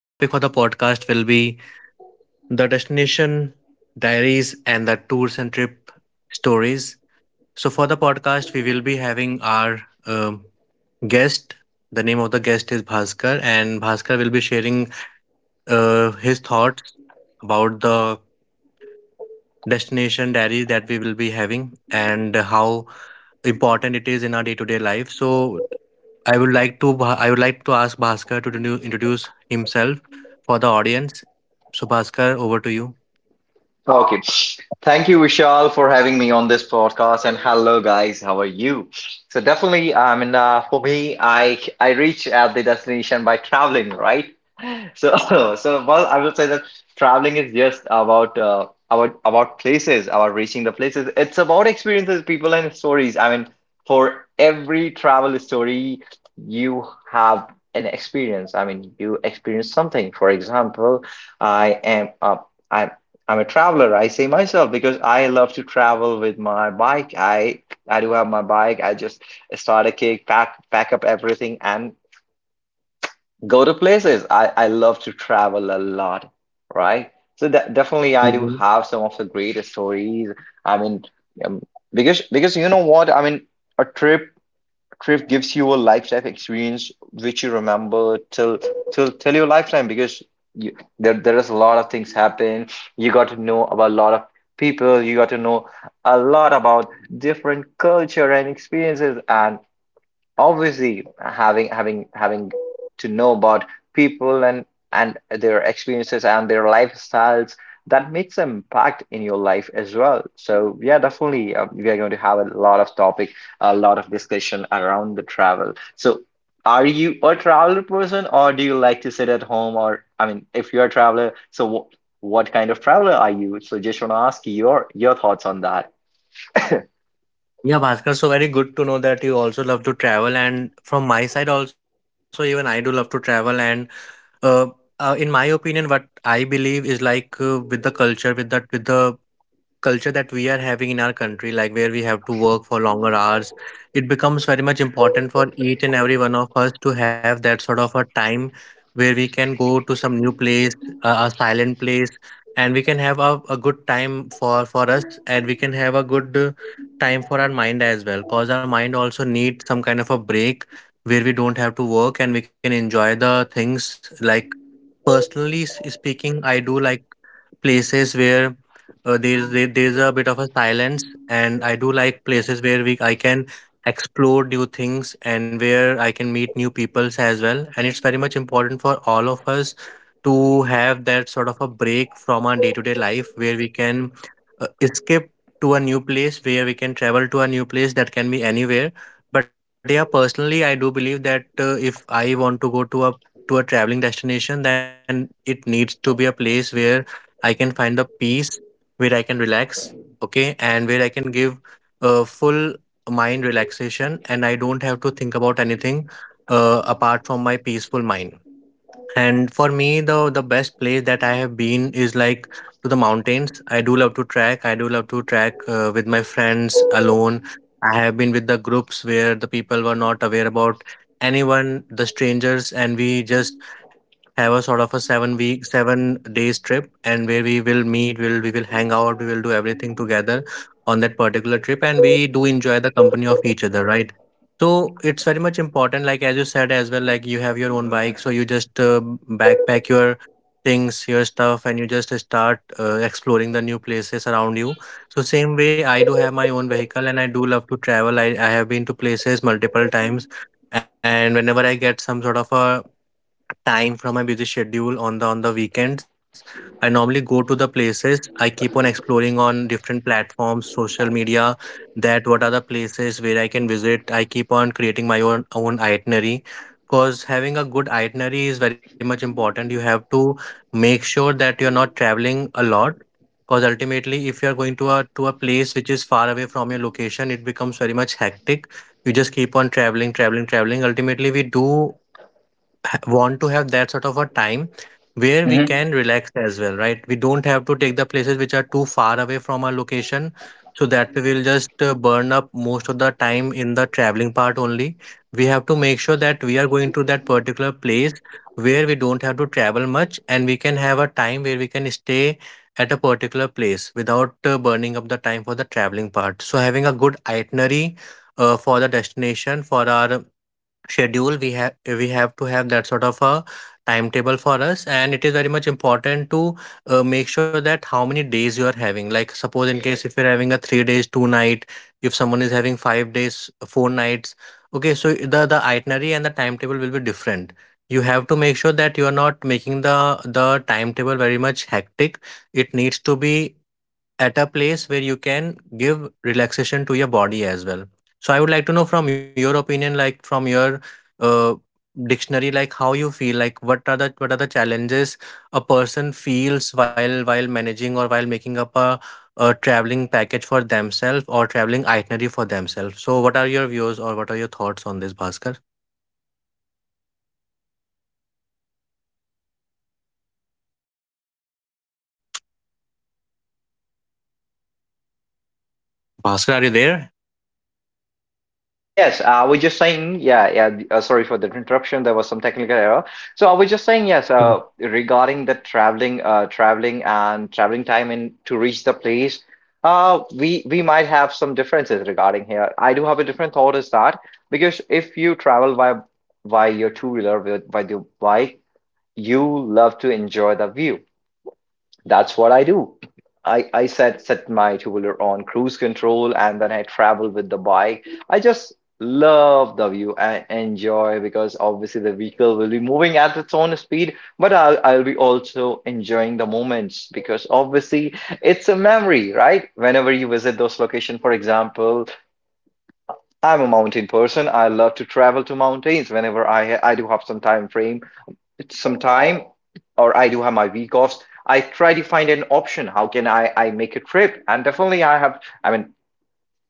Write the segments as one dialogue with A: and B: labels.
A: The topic for the podcast will be the destination diaries and the tours and trip stories. So, for the podcast, we will be having our guest. The name of the guest is Bhaskar, and Bhaskar will be sharing his thoughts about the destination diary that we will be having and how important it is in our day-to-day life. So I would like to I would like to ask Bhaskar to introduce himself for the audience. So Bhaskar, over to you.
B: Okay. Thank you, Vishal, for having me on this podcast. And hello, guys. How are you? So definitely, I mean, for me, I reach at the destination by traveling, right? So, so well, I will say that traveling is just about about places, about reaching the places. It's about experiences, people, and stories. I mean, for every travel story, you have an experience. I mean, you experience something. For example, I am a I I'm a traveler. I say myself because I love to travel with my bike. I do have my bike. I just start a kick, pack up everything, and go to places. I love to travel a lot, right? So that definitely I do
A: Hmm.
B: have some of the greatest stories. I mean, um, because you know what? I mean, a trip gives you a lifetime experience which you remember till till your lifetime because you, there is a lot of things happen. You got to know about a lot of people. You got to know a lot about different culture and experiences, and obviously having to know about people and their experiences and their lifestyles, that makes an impact in your life as well. So yeah, definitely, we are going to have a lot of topic, a lot of discussion around the travel. So are you a traveler person or do you like to sit at home? Or I mean, if you're a traveler, so what kind of traveler are you? So just want to ask your thoughts on that.
A: Yeah, Bhaskar. So very good to know that you also love to travel, and from my side also, even I do love to travel. And uh, in my opinion, what I believe is like, with the culture, with the culture that we are having in our country, like where we have to work for longer hours, it becomes very much important for each and every one of us to have that sort of a time where we can go to some new place, a silent place, and we can have a good time for us, and we can have a good time for our mind as well, cause our mind also needs some kind of a break where we don't have to work and we can enjoy the things like. Personally speaking, I do like places where, there's there's a bit of a silence, and I do like places where we I can explore new things and where I can meet new peoples as well. And it's very much important for all of us to have that sort of a break from our day-to-day life where we can escape to a new place, where we can travel to a new place that can be anywhere. But yeah, personally, I do believe that, if I want to go to a traveling destination, then it needs to be a place where I can find the peace, where I can relax, okay, and where I can give a full mind relaxation and I don't have to think about anything apart from my peaceful mind. And for me, the best place that I have been is like to the mountains. I do love to trek. I do love to trek with my friends alone. I have been with the groups where the people were not aware about anyone, the strangers, and we just have a sort of a 7 week, 7 days trip, and where we will meet, we will hang out, we will do everything together on that particular trip, and we do enjoy the company of each other, right? So it's very much important, like as you said as well, like you have your own bike, so you just backpack your things, your stuff, and you just start exploring the new places around you. So same way, I do have my own vehicle, and I do love to travel. I have been to places multiple times, and whenever I get some sort of a time from my busy schedule on the weekends. I normally go to the places. I keep on exploring on different platforms, social media, that what are the places where I can visit. I keep on creating my own itinerary. Because having a good itinerary is very much important. You have to make sure that you're not traveling a lot. Because ultimately, if you're going to a place which is far away from your location, it becomes very much hectic. You just keep on traveling, traveling, traveling. Ultimately, we do want to have that sort of a time where we can relax as well, right? We don't have to take the places which are too far away from our location. So that we will just burn up most of the time in the traveling part only. We have to make sure that we are going to that particular place where we don't have to travel much and we can have a time where we can stay at a particular place without burning up the time for the traveling part. So having a good itinerary for the destination, for our schedule, we have to have that sort of a timetable for us, and it is very much important to, make sure that how many days you are having, like suppose in case if you're having a 3 days 2 night, if someone is having 5 days 4 nights, okay, so the itinerary and the timetable will be different. You have to make sure that you are not making the the timetable very much hectic. It needs to be at a place where you can give relaxation to your body as well. So I would like to know from your opinion, like from your, uh, dictionary, like how you feel, like what are the challenges a person feels while managing or while making up a traveling package for themselves or traveling itinerary for themselves. So what are your views or what are your thoughts on this, Bhaskar? Bhaskar, are you there?
B: Yes, I was just saying, yeah, yeah. Sorry for the interruption. There was some technical error. So I was just saying,
A: Mm.
B: yes, regarding the traveling, traveling and traveling time in to reach the place, we might have some differences regarding here. I do have a different thought, is that because if you travel by your two wheeler, with by your bike, you love to enjoy the view. That's what I do. I set my two-wheeler on cruise control, and then I travel with the bike. I just love the view and enjoy, because obviously the vehicle will be moving at its own speed, but I'll be also enjoying the moments, because obviously it's a memory, right? Whenever you visit those locations, for example, I'm a mountain person. I love to travel to mountains. Whenever I do have some time frame, some time, or I do have my week offs, I try to find an option. How can I make a trip? And definitely I have, I mean,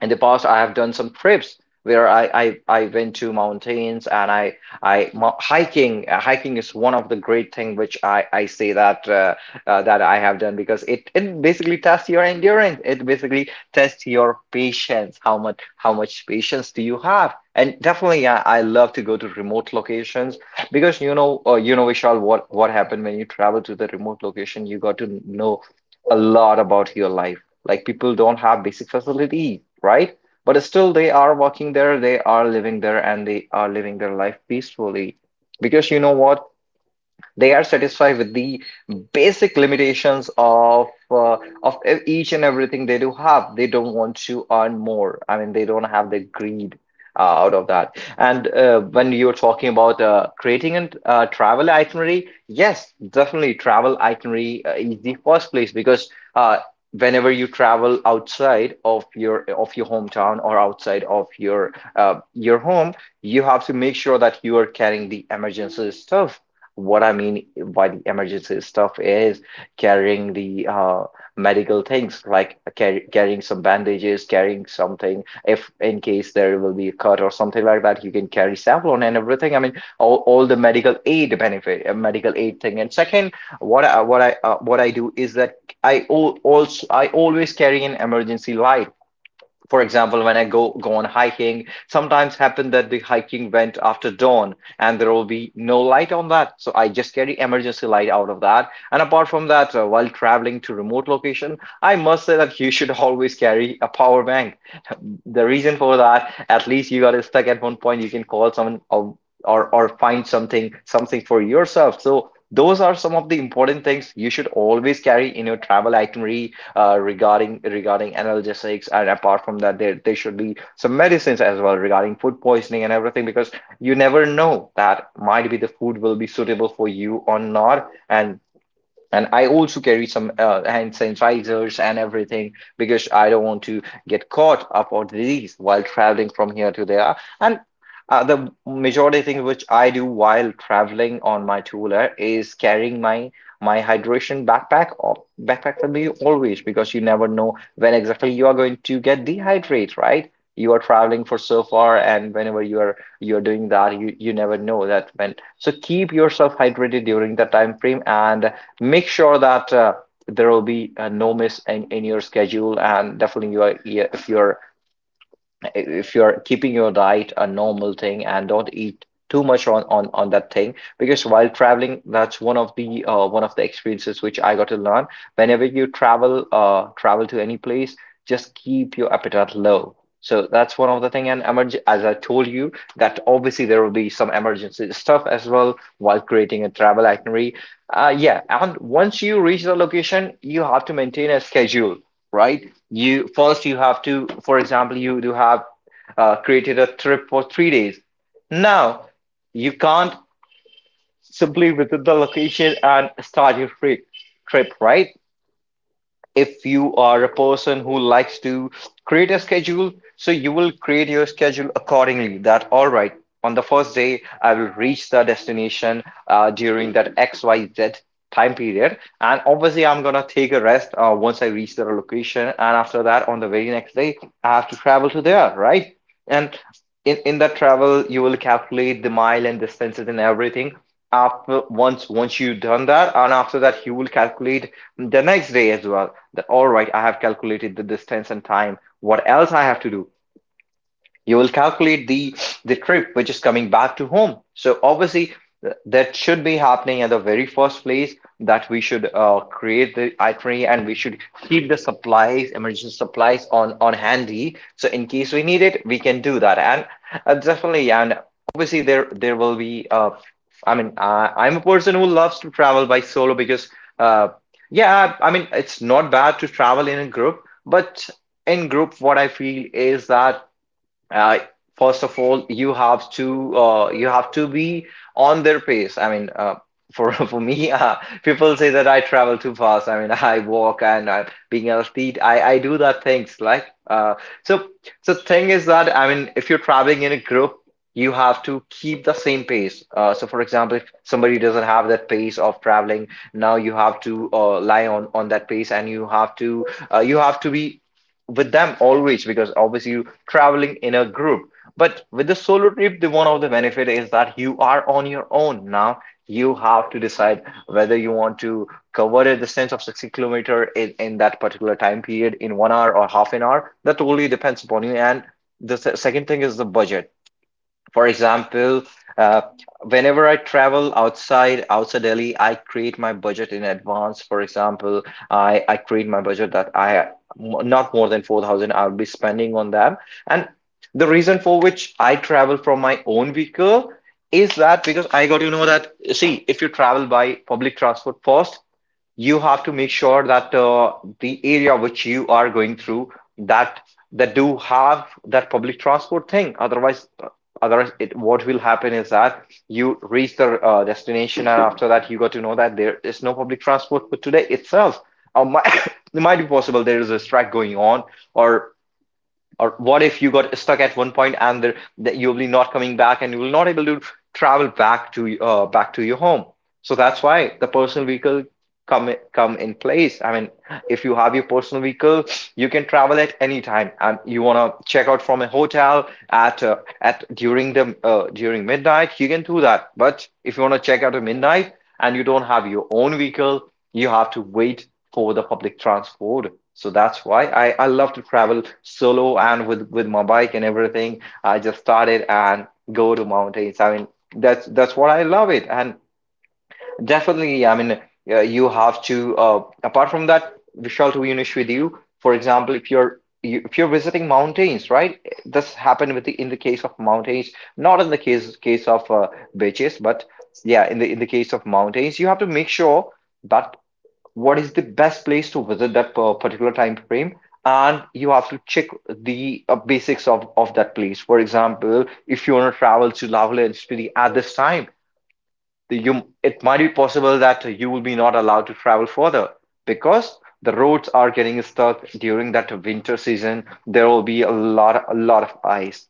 B: in the past I have done some trips where I went to mountains, and hiking. Hiking is one of the great thing, which I say that that I have done, because it basically tests your endurance. It basically tests your patience. How much patience do you have? And definitely I love to go to remote locations, because you know, you know, Vishal, what happened when you travel to the remote location, you got to know a lot about your life. Like, people don't have basic facilities, right? But still, they are working there, they are living there, and they are living their life peacefully. Because you know what? They are satisfied with the basic limitations of each and everything they do have. They don't want to earn more. I mean, they don't have the greed out of that. And when you're talking about creating a travel itinerary, yes, definitely, travel itinerary is the first place. Because whenever you travel outside of your hometown, or outside of your home, you have to make sure that you are carrying the emergency stuff. What I mean by the emergency stuff is carrying the medical things, like carrying some bandages, carrying something. If in case there will be a cut or something like that, you can carry Savlon and everything. I mean, all the medical aid benefit, medical aid thing. And second, what I do is that I al also I always carry an emergency light. For example, when I go on hiking, sometimes happen that the hiking went after dawn and there will be no light on that. So I just carry emergency light out of that. And apart from that, while traveling to remote location, I must say that you should always carry a power bank. The reason for that, at least you are stuck at one point, you can call someone, or find something for yourself. So those are some of the important things you should always carry in your travel itinerary. Regarding analgesics, and apart from that, there should be some medicines as well regarding food poisoning and everything, because you never know that might be the food will be suitable for you or not. And I also carry some hand sanitizers and everything, because I don't want to get caught up on disease while traveling from here to there. And the majority thing which I do while traveling on my two-wheeler is carrying my hydration backpack, or backpack with me always, because you never know when exactly you are going to get dehydrate, right? You are traveling for so far, and whenever you are you're doing that, you never know that when. So keep yourself hydrated during that time frame, and make sure that there will be no miss in your schedule. And definitely you are, yeah, if you're keeping your diet a normal thing, and don't eat too much on that thing, because while traveling, that's one of the experiences which I got to learn. Whenever you travel to any place, just keep your appetite low. So that's one of the thing. And emerg, as I told you, that obviously there will be some emergency stuff as well while creating a travel itinerary. Yeah, and once you reach the location, you have to maintain a schedule, right? You first, you have to, for example, you do have created a trip for 3 days. Now, you can't simply visit the location and start your free trip, right? If you are a person who likes to create a schedule, so you will create your schedule accordingly, that, all right, on the first day, I will reach the destination during that XYZ time period, and obviously I'm gonna take a rest once I reach the location. And after that, on the very next day, I have to travel to there, right? And in that travel, you will calculate the mile and distances and everything. After once you've done that, and after that, you will calculate the next day as well, that, all right, I have calculated the distance and time, what else I have to do. You will calculate the trip which is coming back to home. So obviously that should be happening at the very first place, that we should create the itinerary, and we should keep the supplies, emergency supplies, on handy, so in case we need it we can do that. And definitely. And obviously there will be, I mean, I'm a person who loves to travel by solo, because uh, yeah, I mean, it's not bad to travel in a group, but in group what I feel is that, uh, first of all, you have to, you have to be on their pace. I mean, for for me, people say that I travel too fast, I mean, I walk, and being an athlete, I do that things like, so so thing is that, I mean, if you're traveling in a group, you have to keep the same pace, so for example, if somebody doesn't have that pace of traveling, now you have to lie on that pace, and you have to, you have to be with them always, because obviously you traveling in a group. But with the solo trip, the one of the benefit is that you are on your own. Now you have to decide whether you want to cover a distance of 60 kilometer in that particular time period, in 1 hour or half an hour. That totally depends upon you. And the second thing is the budget. For example, uh, whenever I travel outside Delhi, I create my budget in advance. For example, I create my budget that not more than 4,000 I'll be spending on that. And the reason for which I travel from my own vehicle is that because I got to know that, see, if you travel by public transport first, you have to make sure that the area which you are going through that that do have that public transport thing, otherwise otherwise it, what will happen is that you reach the destination and after that you got to know that there is no public transport for today itself. It might be possible there is a strike going on, or or what if you got stuck at one point and there, that you'll be not coming back and you will not able to travel back to back to your home. So that's why the personal vehicle come in place. I mean, if you have your personal vehicle, you can travel at any time, and you want to check out from a hotel at at during the during midnight, you can do that. But if you want to check out at midnight and you don't have your own vehicle, you have to wait for the public transport. So that's why I love to travel solo and with my bike and everything. I just started and go to mountains. I mean, that's what I love it. And definitely, I mean, you have to. Apart from that, Vishal, to be honest with you, for example, if you're visiting mountains, right? This happened with the in the case of mountains, not in the case of beaches, but yeah, in the case of mountains, you have to make sure that what is the best place to visit that particular time frame, and you have to check the basics of that place. For example, if you want to travel to lavale and spiti at this time, the, you it might be possible that you will be not allowed to travel further, because the roads are getting stuck during that winter season. There will be a lot of ice.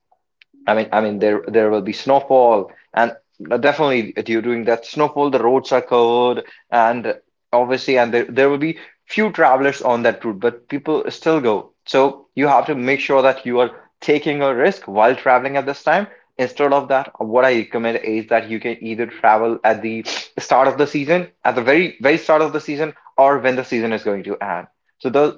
B: I mean, there there will be snowfall, and definitely during that snowfall, the roads are covered, and obviously, and there will be few travelers on that route, but people still go. So you have to make sure that you are taking a risk while traveling at this time. Instead of that, what I recommend is that you can either travel at the start of the season, at the very start of the season, or when the season is going to end. So those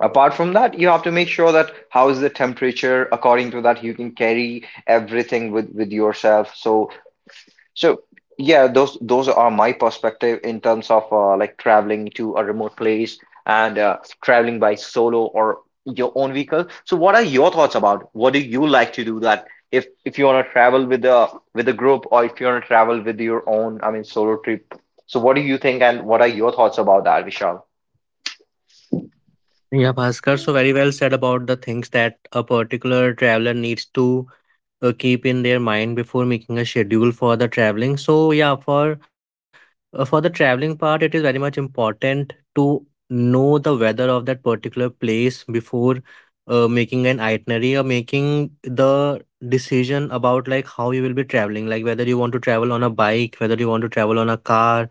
B: apart from that you have to make sure that how is the temperature, according to that you can carry everything with yourself. So yeah, those are my perspective in terms of like traveling to a remote place and traveling by solo or your own vehicle. So what are your thoughts about what do you like to do that, if you want to travel with a group, or if you want to travel with your own, I mean solo trip? So what do you think and what are your thoughts about that, Vishal?
A: Yeah, Bhaskar, so very well said about the things that a particular traveler needs to, keep in their mind before making a schedule for the traveling. So yeah, for, for the traveling part, it is very much important to know the weather of that particular place before, making an itinerary or making the decision about like how you will be traveling, like whether you want to travel on a bike, whether you want to travel on a car,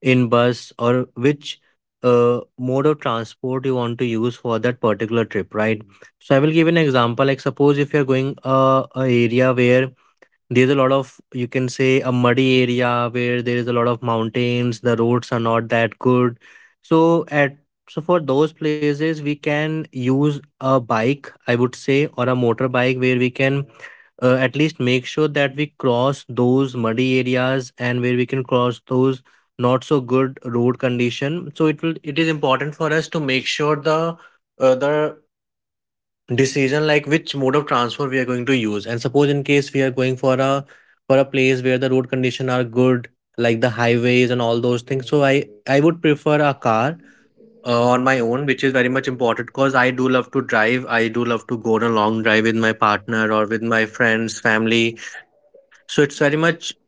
A: in bus, or which mode of transport you want to use for that particular trip, right? So I will give an example, like suppose if you're going, a area where there's a lot of, you can say, a muddy area where there is a lot of mountains, the roads are not that good. So at so for those places we can use a bike, I would say, or a motorbike where we can, at least make sure that we cross those muddy areas and where we can cross those not so good road condition. So it will it is important for us to make sure the, the decision like which mode of transport we are going to use. And suppose in case we are going for a place where the road condition are good, like the highways and all those things, so I would prefer a car on my own, which is very much important because I do love to drive. I do love to go on a long drive with my partner or with my friends family. So it's very much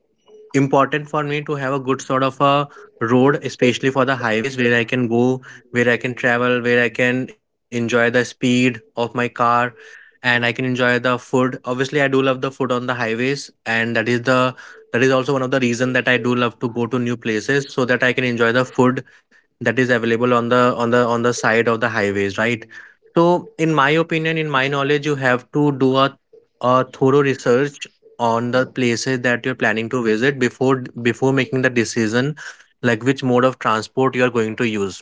A: important for me to have a good sort of a road, especially for the highways where I can go, where I can travel, where I can enjoy the speed of my car, and I can enjoy the food. Obviously, I do love the food on the highways, and that is the that is also one of the reason that I do love to go to new places so that I can enjoy the food that is available on the on the side of the highways, right? So, in my opinion, in my knowledge, you have to do a thorough research on the places that you're planning to visit before making the decision like which mode of transport you are going to use.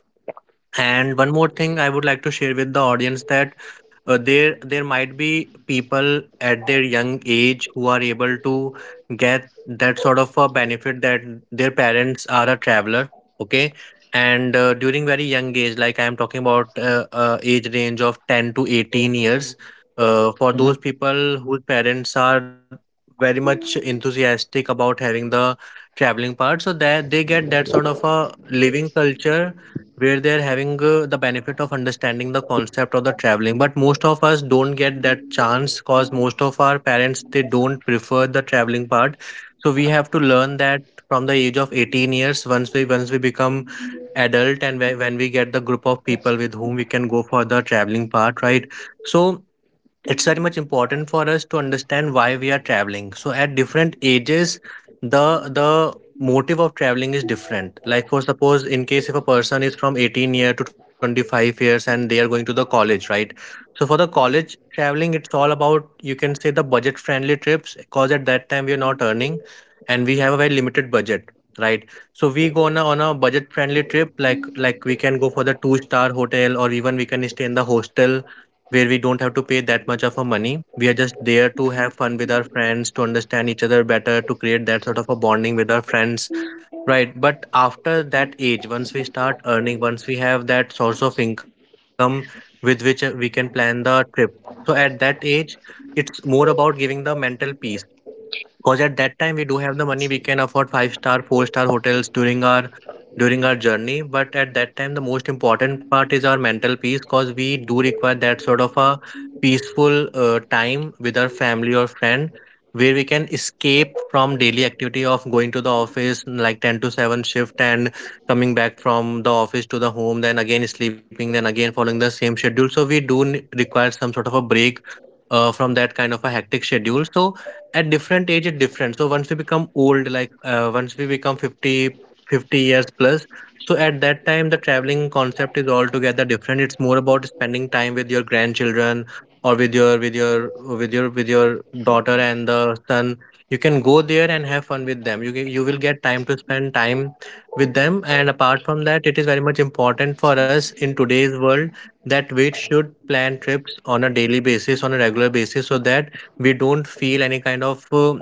A: And one more thing I would like to share with the audience, that, there there might be people at their young age who are able to get that sort of a benefit that their parents are a traveler. Okay. And, during very young age, like I am talking about, age range of 10 to 18 years, for those people whose parents are very much enthusiastic about having the traveling part so that they get that sort of a living culture where they are having, the benefit of understanding the concept of the traveling. But most of us don't get that chance, cause most of our parents they don't prefer the traveling part. So we have to learn that from the age of 18 years, once we become adult, and when we get the group of people with whom we can go for the traveling part, right? So it's very much important for us to understand why we are traveling. So at different ages the the motive of traveling is different. Like for suppose in case if a person is from 18 year to 25 years and they are going to the college, right? So for the college traveling, it's all about you can say the budget friendly trips Because at that time we are not earning, and we have a very limited budget, right? So we go on on a budget friendly trip, like we can go for the two-star hotel, or even we can stay in the hostel where we don't have to pay that much of a money. We are just there to have fun with our friends, to understand each other better, to create that sort of a bonding with our friends, right? But after that age, once we start earning, once we have that source of income with which we can plan the trip. So at that age, it's more about giving the mental peace. 'Cause at that time we do have the money, we can afford five-star, four-star hotels during our journey. But at that time, the most important part is our mental peace, because we do require that sort of a peaceful time with our family or friend, where we can escape from daily activity of going to the office, like 10 to 7 shift, and coming back from the office to the home, then again sleeping, then again following the same schedule. So we require some sort of a break from that kind of a hectic schedule. So at different age, it's different. So once we become old, like once we become 50, 50 years plus, so at that time, the traveling concept is altogether different. It's more about spending time with your grandchildren, or with your with your daughter and the son. You can go there and have fun with them. You will get time to spend time with them. And apart from that, it is very much important for us in today's world that we should plan trips on a daily basis, on a regular basis, so that we don't feel any kind of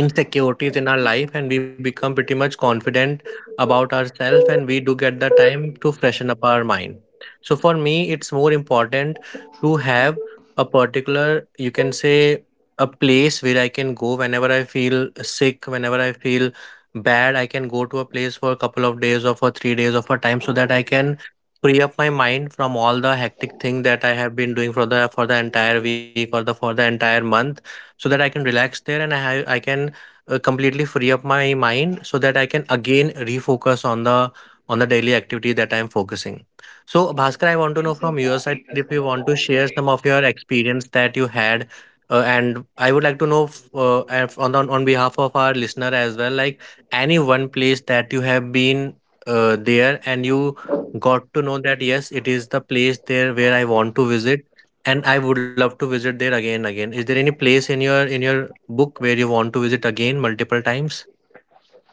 A: insecurities in our life, and we become pretty much confident about ourselves, and we do get the time to freshen up our mind. So for me, it's more important to have a particular, you can say, a place where I can go whenever I feel sick, whenever I feel bad. I can go to a place for a couple of days or for 3 days or for time, so that I can free up my mind from all the hectic thing that I have been doing for the entire week or the for the entire month, so that I can relax there, and I can completely free up my mind, so that I can again refocus on the daily activity that I am focusing. So, Bhaskar, I want to know from your side if you want to share some of your experience that you had, and I would like to know on, on behalf of our listener as well, like any one place that you have been there, and you got to know that yes, it is the place there where I want to visit, and I would love to visit there again again. Is there any place in your book where you want to visit again multiple times?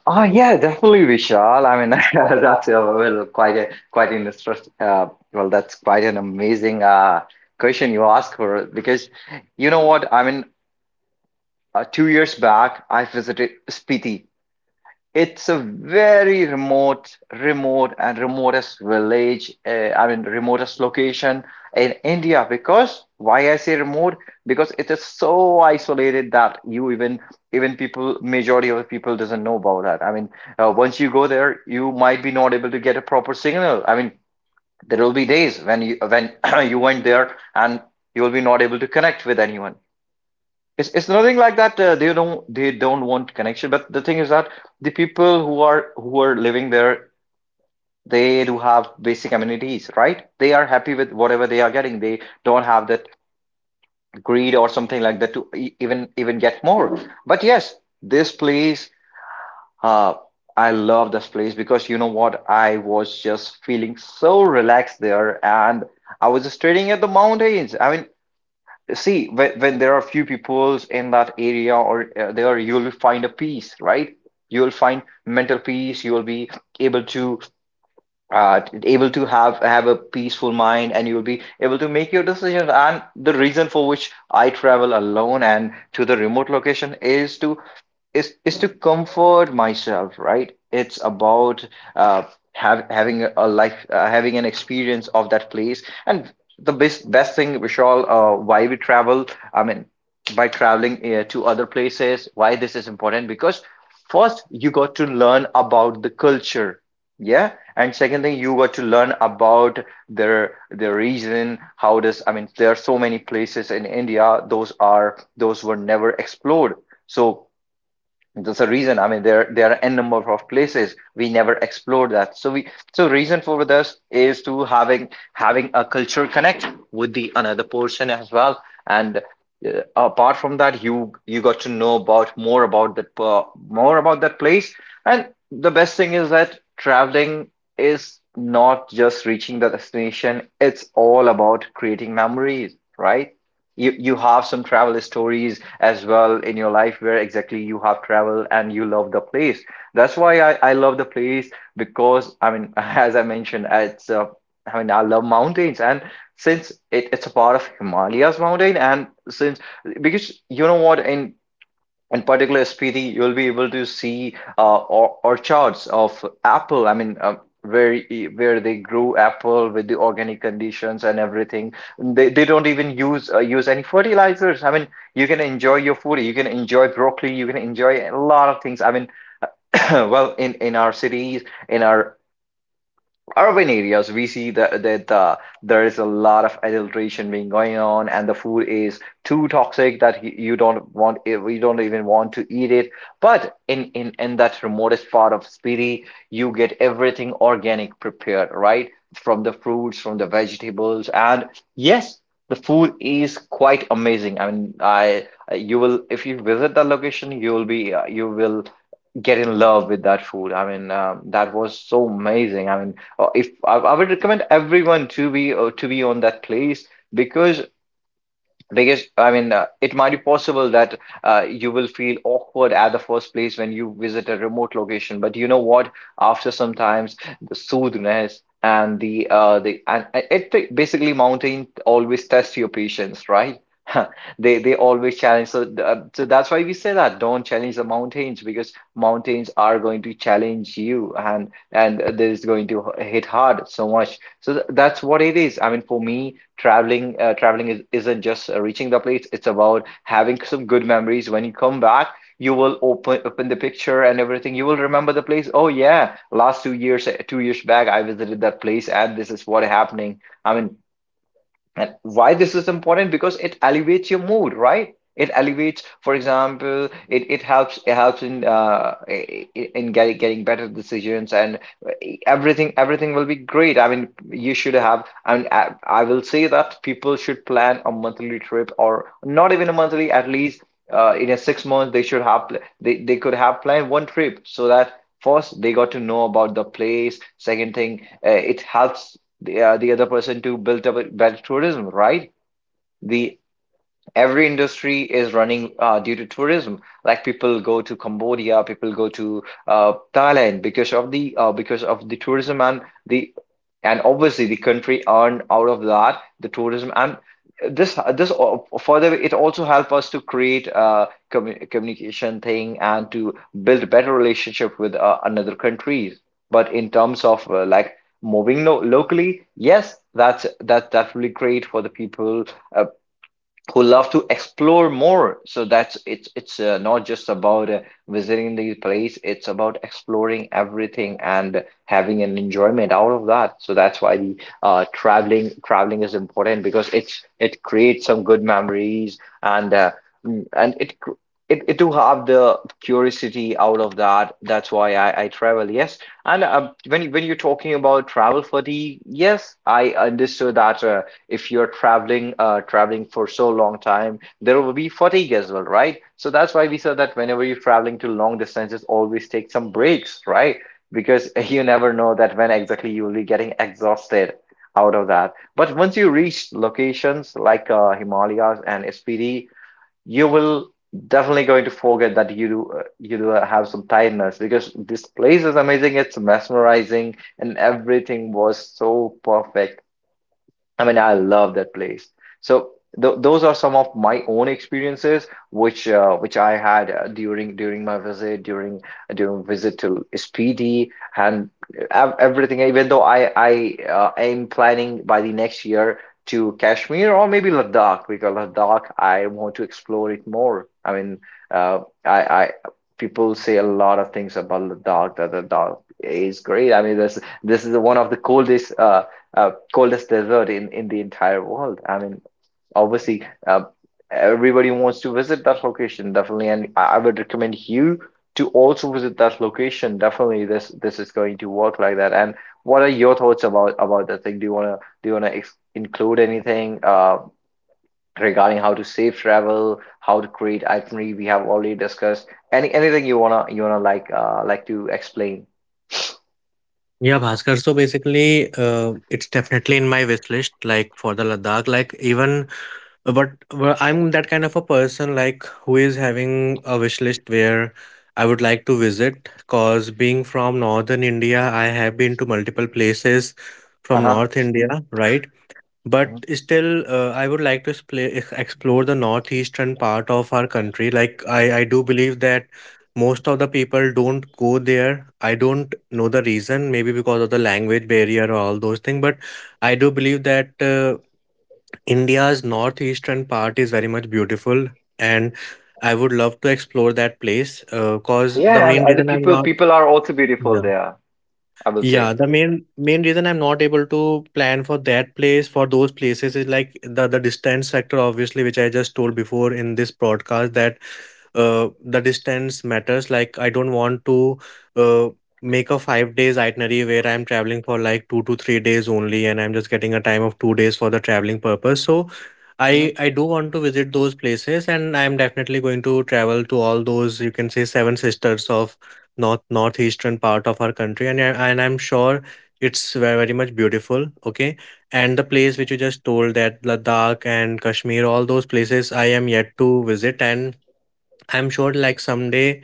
B: Oh yeah, definitely Vishal. I mean, that's well quite an interest. Well, that's quite an amazing question you ask for. Because you know what? I mean, 2 years back I visited Spiti. It's a very remotest village. I mean, remotest location in India. Because why I say remote? Because it is so isolated that you even even people majority of the people doesn't know about that. I mean, once you go there, you might be not able to get a proper signal. I mean, there will be days when you when you went there and you will be not able to connect with anyone. It's nothing like that. They don't want connection. But the thing is that the people who are living there, they do have basic amenities, right? They are happy with whatever they are getting. They don't have that greed or something like that to even get more. But yes, this place, uh, I love this place, because you know what? I was just feeling so relaxed there, and I was just staring at the mountains. I mean, see, when there are few peoples in that area or there, you'll find a peace, right? You'll find mental peace. You'll be able to have a peaceful mind, and you'll be able to make your decisions. And the reason for which I travel alone and to the remote location is to comfort myself, right? It's about uh have, having a life, having an experience of that place. And the best thing, Vishal, why we travel, I mean, by traveling to other places, why this is important, because first you got to learn about the culture. Yeah, and second thing, you got to learn about their region. How does, I mean, there are so many places in india those are those were never explored. So that's the reason. I mean, there are n number of places we never explored that. So we so reason for this is to having a culture connect with the another person as well. And apart from that, you got to know about more about that place. And the best thing is that traveling is not just reaching the destination. It's all about creating memories, right? You have some travel stories as well in your life where exactly you have traveled and you love the place. That's why I love the place. Because I mean as I mentioned, it's I mean I love mountains, and since it, it's a part of himalayas mountain, and since because you know what, in particular SPD, you'll be able to see or charts of apple. I mean, where where they grow apple with the organic conditions and everything. They don't even use use any fertilizers. I mean, you can enjoy your food. You can enjoy broccoli. You can enjoy a lot of things. I mean, well, in our cities, in our urban areas we see that there is a lot of adulteration being going on, and the food is too toxic that you don't want it, you don't even want to eat it. But in that remotest part of spiti, you get everything organic prepared, right from the fruits from the vegetables. And yes, the food is quite amazing. I mean I you will, if you visit the location you will be you will get in love with that food. I mean, that was so amazing. I mean, if I, I would recommend everyone to be on that place. because because I mean it might be possible that you will feel awkward at the first place when you visit a remote location. But you know what, after sometimes, the soothness and the and it basically mountain always tests your patience, right? They always challenge. So that's why we say that don't challenge the mountains, because mountains are going to challenge you, and there is going to hit hard so much that's what it is. I mean, for me, traveling isn't just reaching the place. It's about having some good memories. When you come back, you will open the picture and everything. You will remember the place. Oh yeah, last 2 years, 2 years back I visited that place and this is what happening. I mean, and why this is important? Because it elevates your mood, right? It elevates, for example, it helps, in in getting better decisions. And everything will be great. I mean, you should have. I mean, I will say that people should plan a monthly trip, or not even a monthly, at least in a 6 months they should they could have planned one trip. So that first they got to know about the place. Second thing, it helps the other person to build up a better tourism, right? The every industry is running due to tourism. Like people go to Cambodia, people go to Thailand because of the tourism. And the and obviously the country earned out of that the tourism. And this further it also help us to create a communication thing and to build better relationship with another countries. But in terms of like moving locally, yes, that's really great for the people uh, who love to explore more, so that's it's not just about visiting the place, it's about exploring everything and having an enjoyment out of that. So that's why the traveling traveling is important, because it creates some good memories. And mm, and it cr- it to have the curiosity out of that, that's why I travel, yes. And when when you're talking about travel fatigue, yes, I understood that. If you're traveling for so long time, there will be fatigue as well, right? So that's why we said that whenever you're traveling to long distances, always take some breaks, right? Because you never know that when exactly you will be getting exhausted out of that. But once you reach locations like himalayas and spd, you will definitely going to forget that you do have some tiredness, because this place is amazing, it's mesmerizing, and everything was so perfect. I mean, I love that place. So th those are some of my own experiences which I had during my visit during during visit to SPD and ev everything. Even though I am planning by the next year to Kashmir or maybe Ladakh, because Ladakh I want to explore it more. I mean, uh, I people say a lot of things about Ladakh, that Ladakh is great. I mean, this is one of the coldest. Coldest desert in the entire world. I mean, obviously, everybody wants to visit that location, definitely. And I would recommend you to also visit that location. Definitely, this is going to work like that. And what are your thoughts about that thing? Do you wanna ex include anything regarding how to safe travel, how to create itinerary? We have already discussed. Anything you wanna like to explain?
A: Yeah, Bhaskar. So basically, it's definitely in my wish list, like for the Ladakh. Like even, but, but well, I'm that kind of a person, like who is having a wish list where I would like to visit. Cause being from northern India, I have been to multiple places from
B: Uh-huh.
A: North India, right?
B: Mhm.
A: But still, I would like to explore the northeastern part of our country. Like, I do believe that most of the people don't go there. I don't know the reason, maybe because of the language barrier or all those things. But I do believe that India's northeastern part is very much beautiful. And I would love to explore that place because the
B: Yeah,
A: main
B: and the
A: reason I'm not.
B: people are also beautiful
A: Yeah.
B: there, I will
A: Yeah,
B: say.
A: the main reason I'm not able to plan for that place, for those places, is like the distance factor, obviously, which I just told before in this broadcast, that the distance matters. Like I don't want to uh make a 5 days itinerary where I'm traveling for like 2 to 3 days only, and I'm just getting a time of 2 days for the traveling purpose. So I
B: Mhm.
A: I do want to visit those places, and I'm definitely going to travel to all those, you can say, seven sisters of northeastern part of our country, and I'm sure it's very, very much beautiful. Okay, and the place which you just told, that Ladakh and Kashmir, all those places I am yet to visit, and I'm sure, like, someday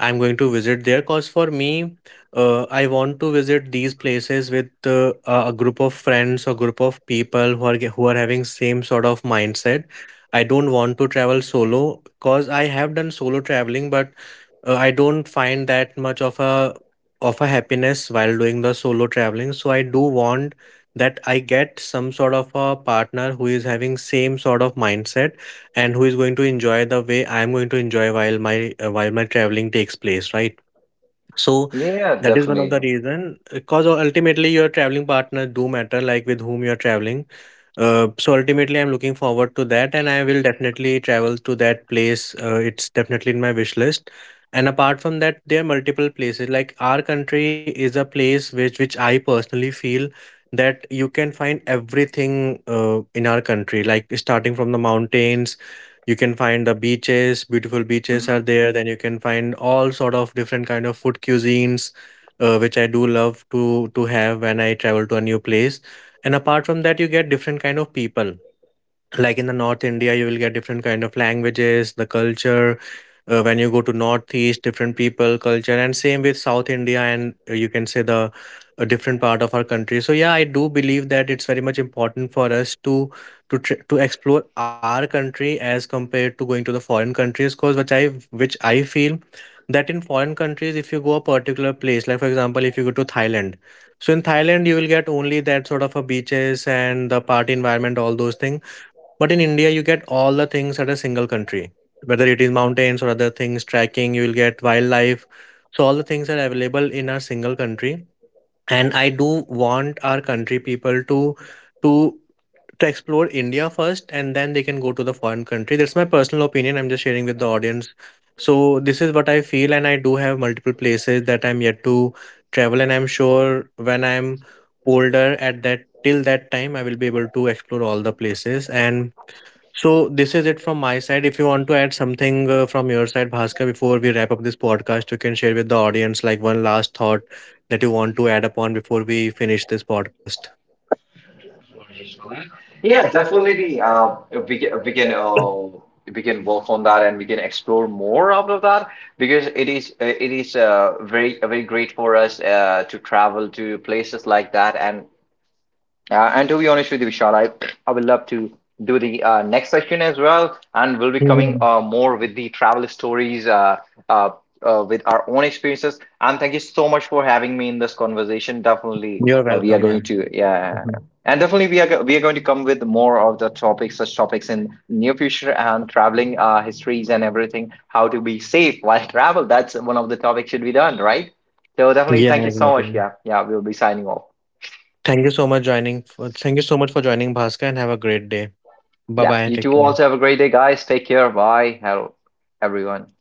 A: I'm going to visit there. Because for me, I want to visit these places with a group of friends or group of people who are who are having same sort of mindset. I don't want to travel solo, because I have done solo traveling, but I don't find that much of a happiness while doing the solo traveling. So I do want that I get some sort of a partner who is having same sort of mindset, and who is going to enjoy the way I am going to enjoy while my while my traveling takes place, right? So
B: Yeah,
A: that is one of the
B: definitely.
A: reason, because ultimately your traveling partner do matter, like with whom you're traveling. So ultimately, I'm looking forward to that, and I will definitely travel to that place. It's definitely in my wish list. And apart from that, there are multiple places. Like our country is a place which I personally feel that you can find everything in our country. Like starting from the mountains, you can find the beaches. Beautiful beaches are
B: Mhm.
A: there. Then you can find all sort of different kind of food cuisines, which I do love to have when I travel to a new place. And apart from that, you get different kind of people, like in the North India you will get different kind of languages, the culture. When you go to northeast, different people culture, and same with South India, and you can say the a different part of our country. So yeah, I do believe that it's very much important for us to to explore our country as compared to going to the foreign countries, cause which I feel that in foreign countries, if you go a particular place, like for example, if you go to Thailand, so in Thailand you will get only that sort of a beaches and the party environment, all those things. But in India, you get all the things at a single country, whether it is mountains or other things, trekking, you will get wildlife. So, all the things are available in our single country. And I do want our country people to to to explore India first, and then they can go to the foreign country. That's my personal opinion. I'm just sharing with the audience. So this is what I feel, and I do have multiple places that I'm yet to travel, and I'm sure, when I'm older, at that, till that time, I will be able to explore all the places. And so this is it from my side. If you want to add something from your side, Bhaskar, before we wrap up this podcast, you can share with the audience like one last thought that you want to add upon before we finish this podcast.
B: Yeah, definitely. We can we can work on that, and we can explore more out of that, because it is very great for us to travel to places like that. And and to be honest with you, Vishal, I would love to do the next session as well. And we'll be coming
A: Mhm.
B: more with the travel stories, uh, with our own experiences. And thank you so much for having me in this conversation. Definitely,
A: You're
B: we are
A: welcome. Yeah.
B: going to, yeah.
A: Mhm.
B: And definitely, we are, we are going to come with more of the topics, such topics in near future, and traveling histories and everything, how to be safe while travel. That's one of the topics should be done, right? So definitely,
A: Yeah,
B: thank you so much.
A: exactly.
B: Yeah, yeah, we'll be signing off.
A: Thank you so much for joining, Bhaskar, and have a great day. Bye
B: Yeah,
A: bye.
B: you
A: Take
B: two
A: care.
B: also have a great day, guys. Take care. Bye. Hello, everyone.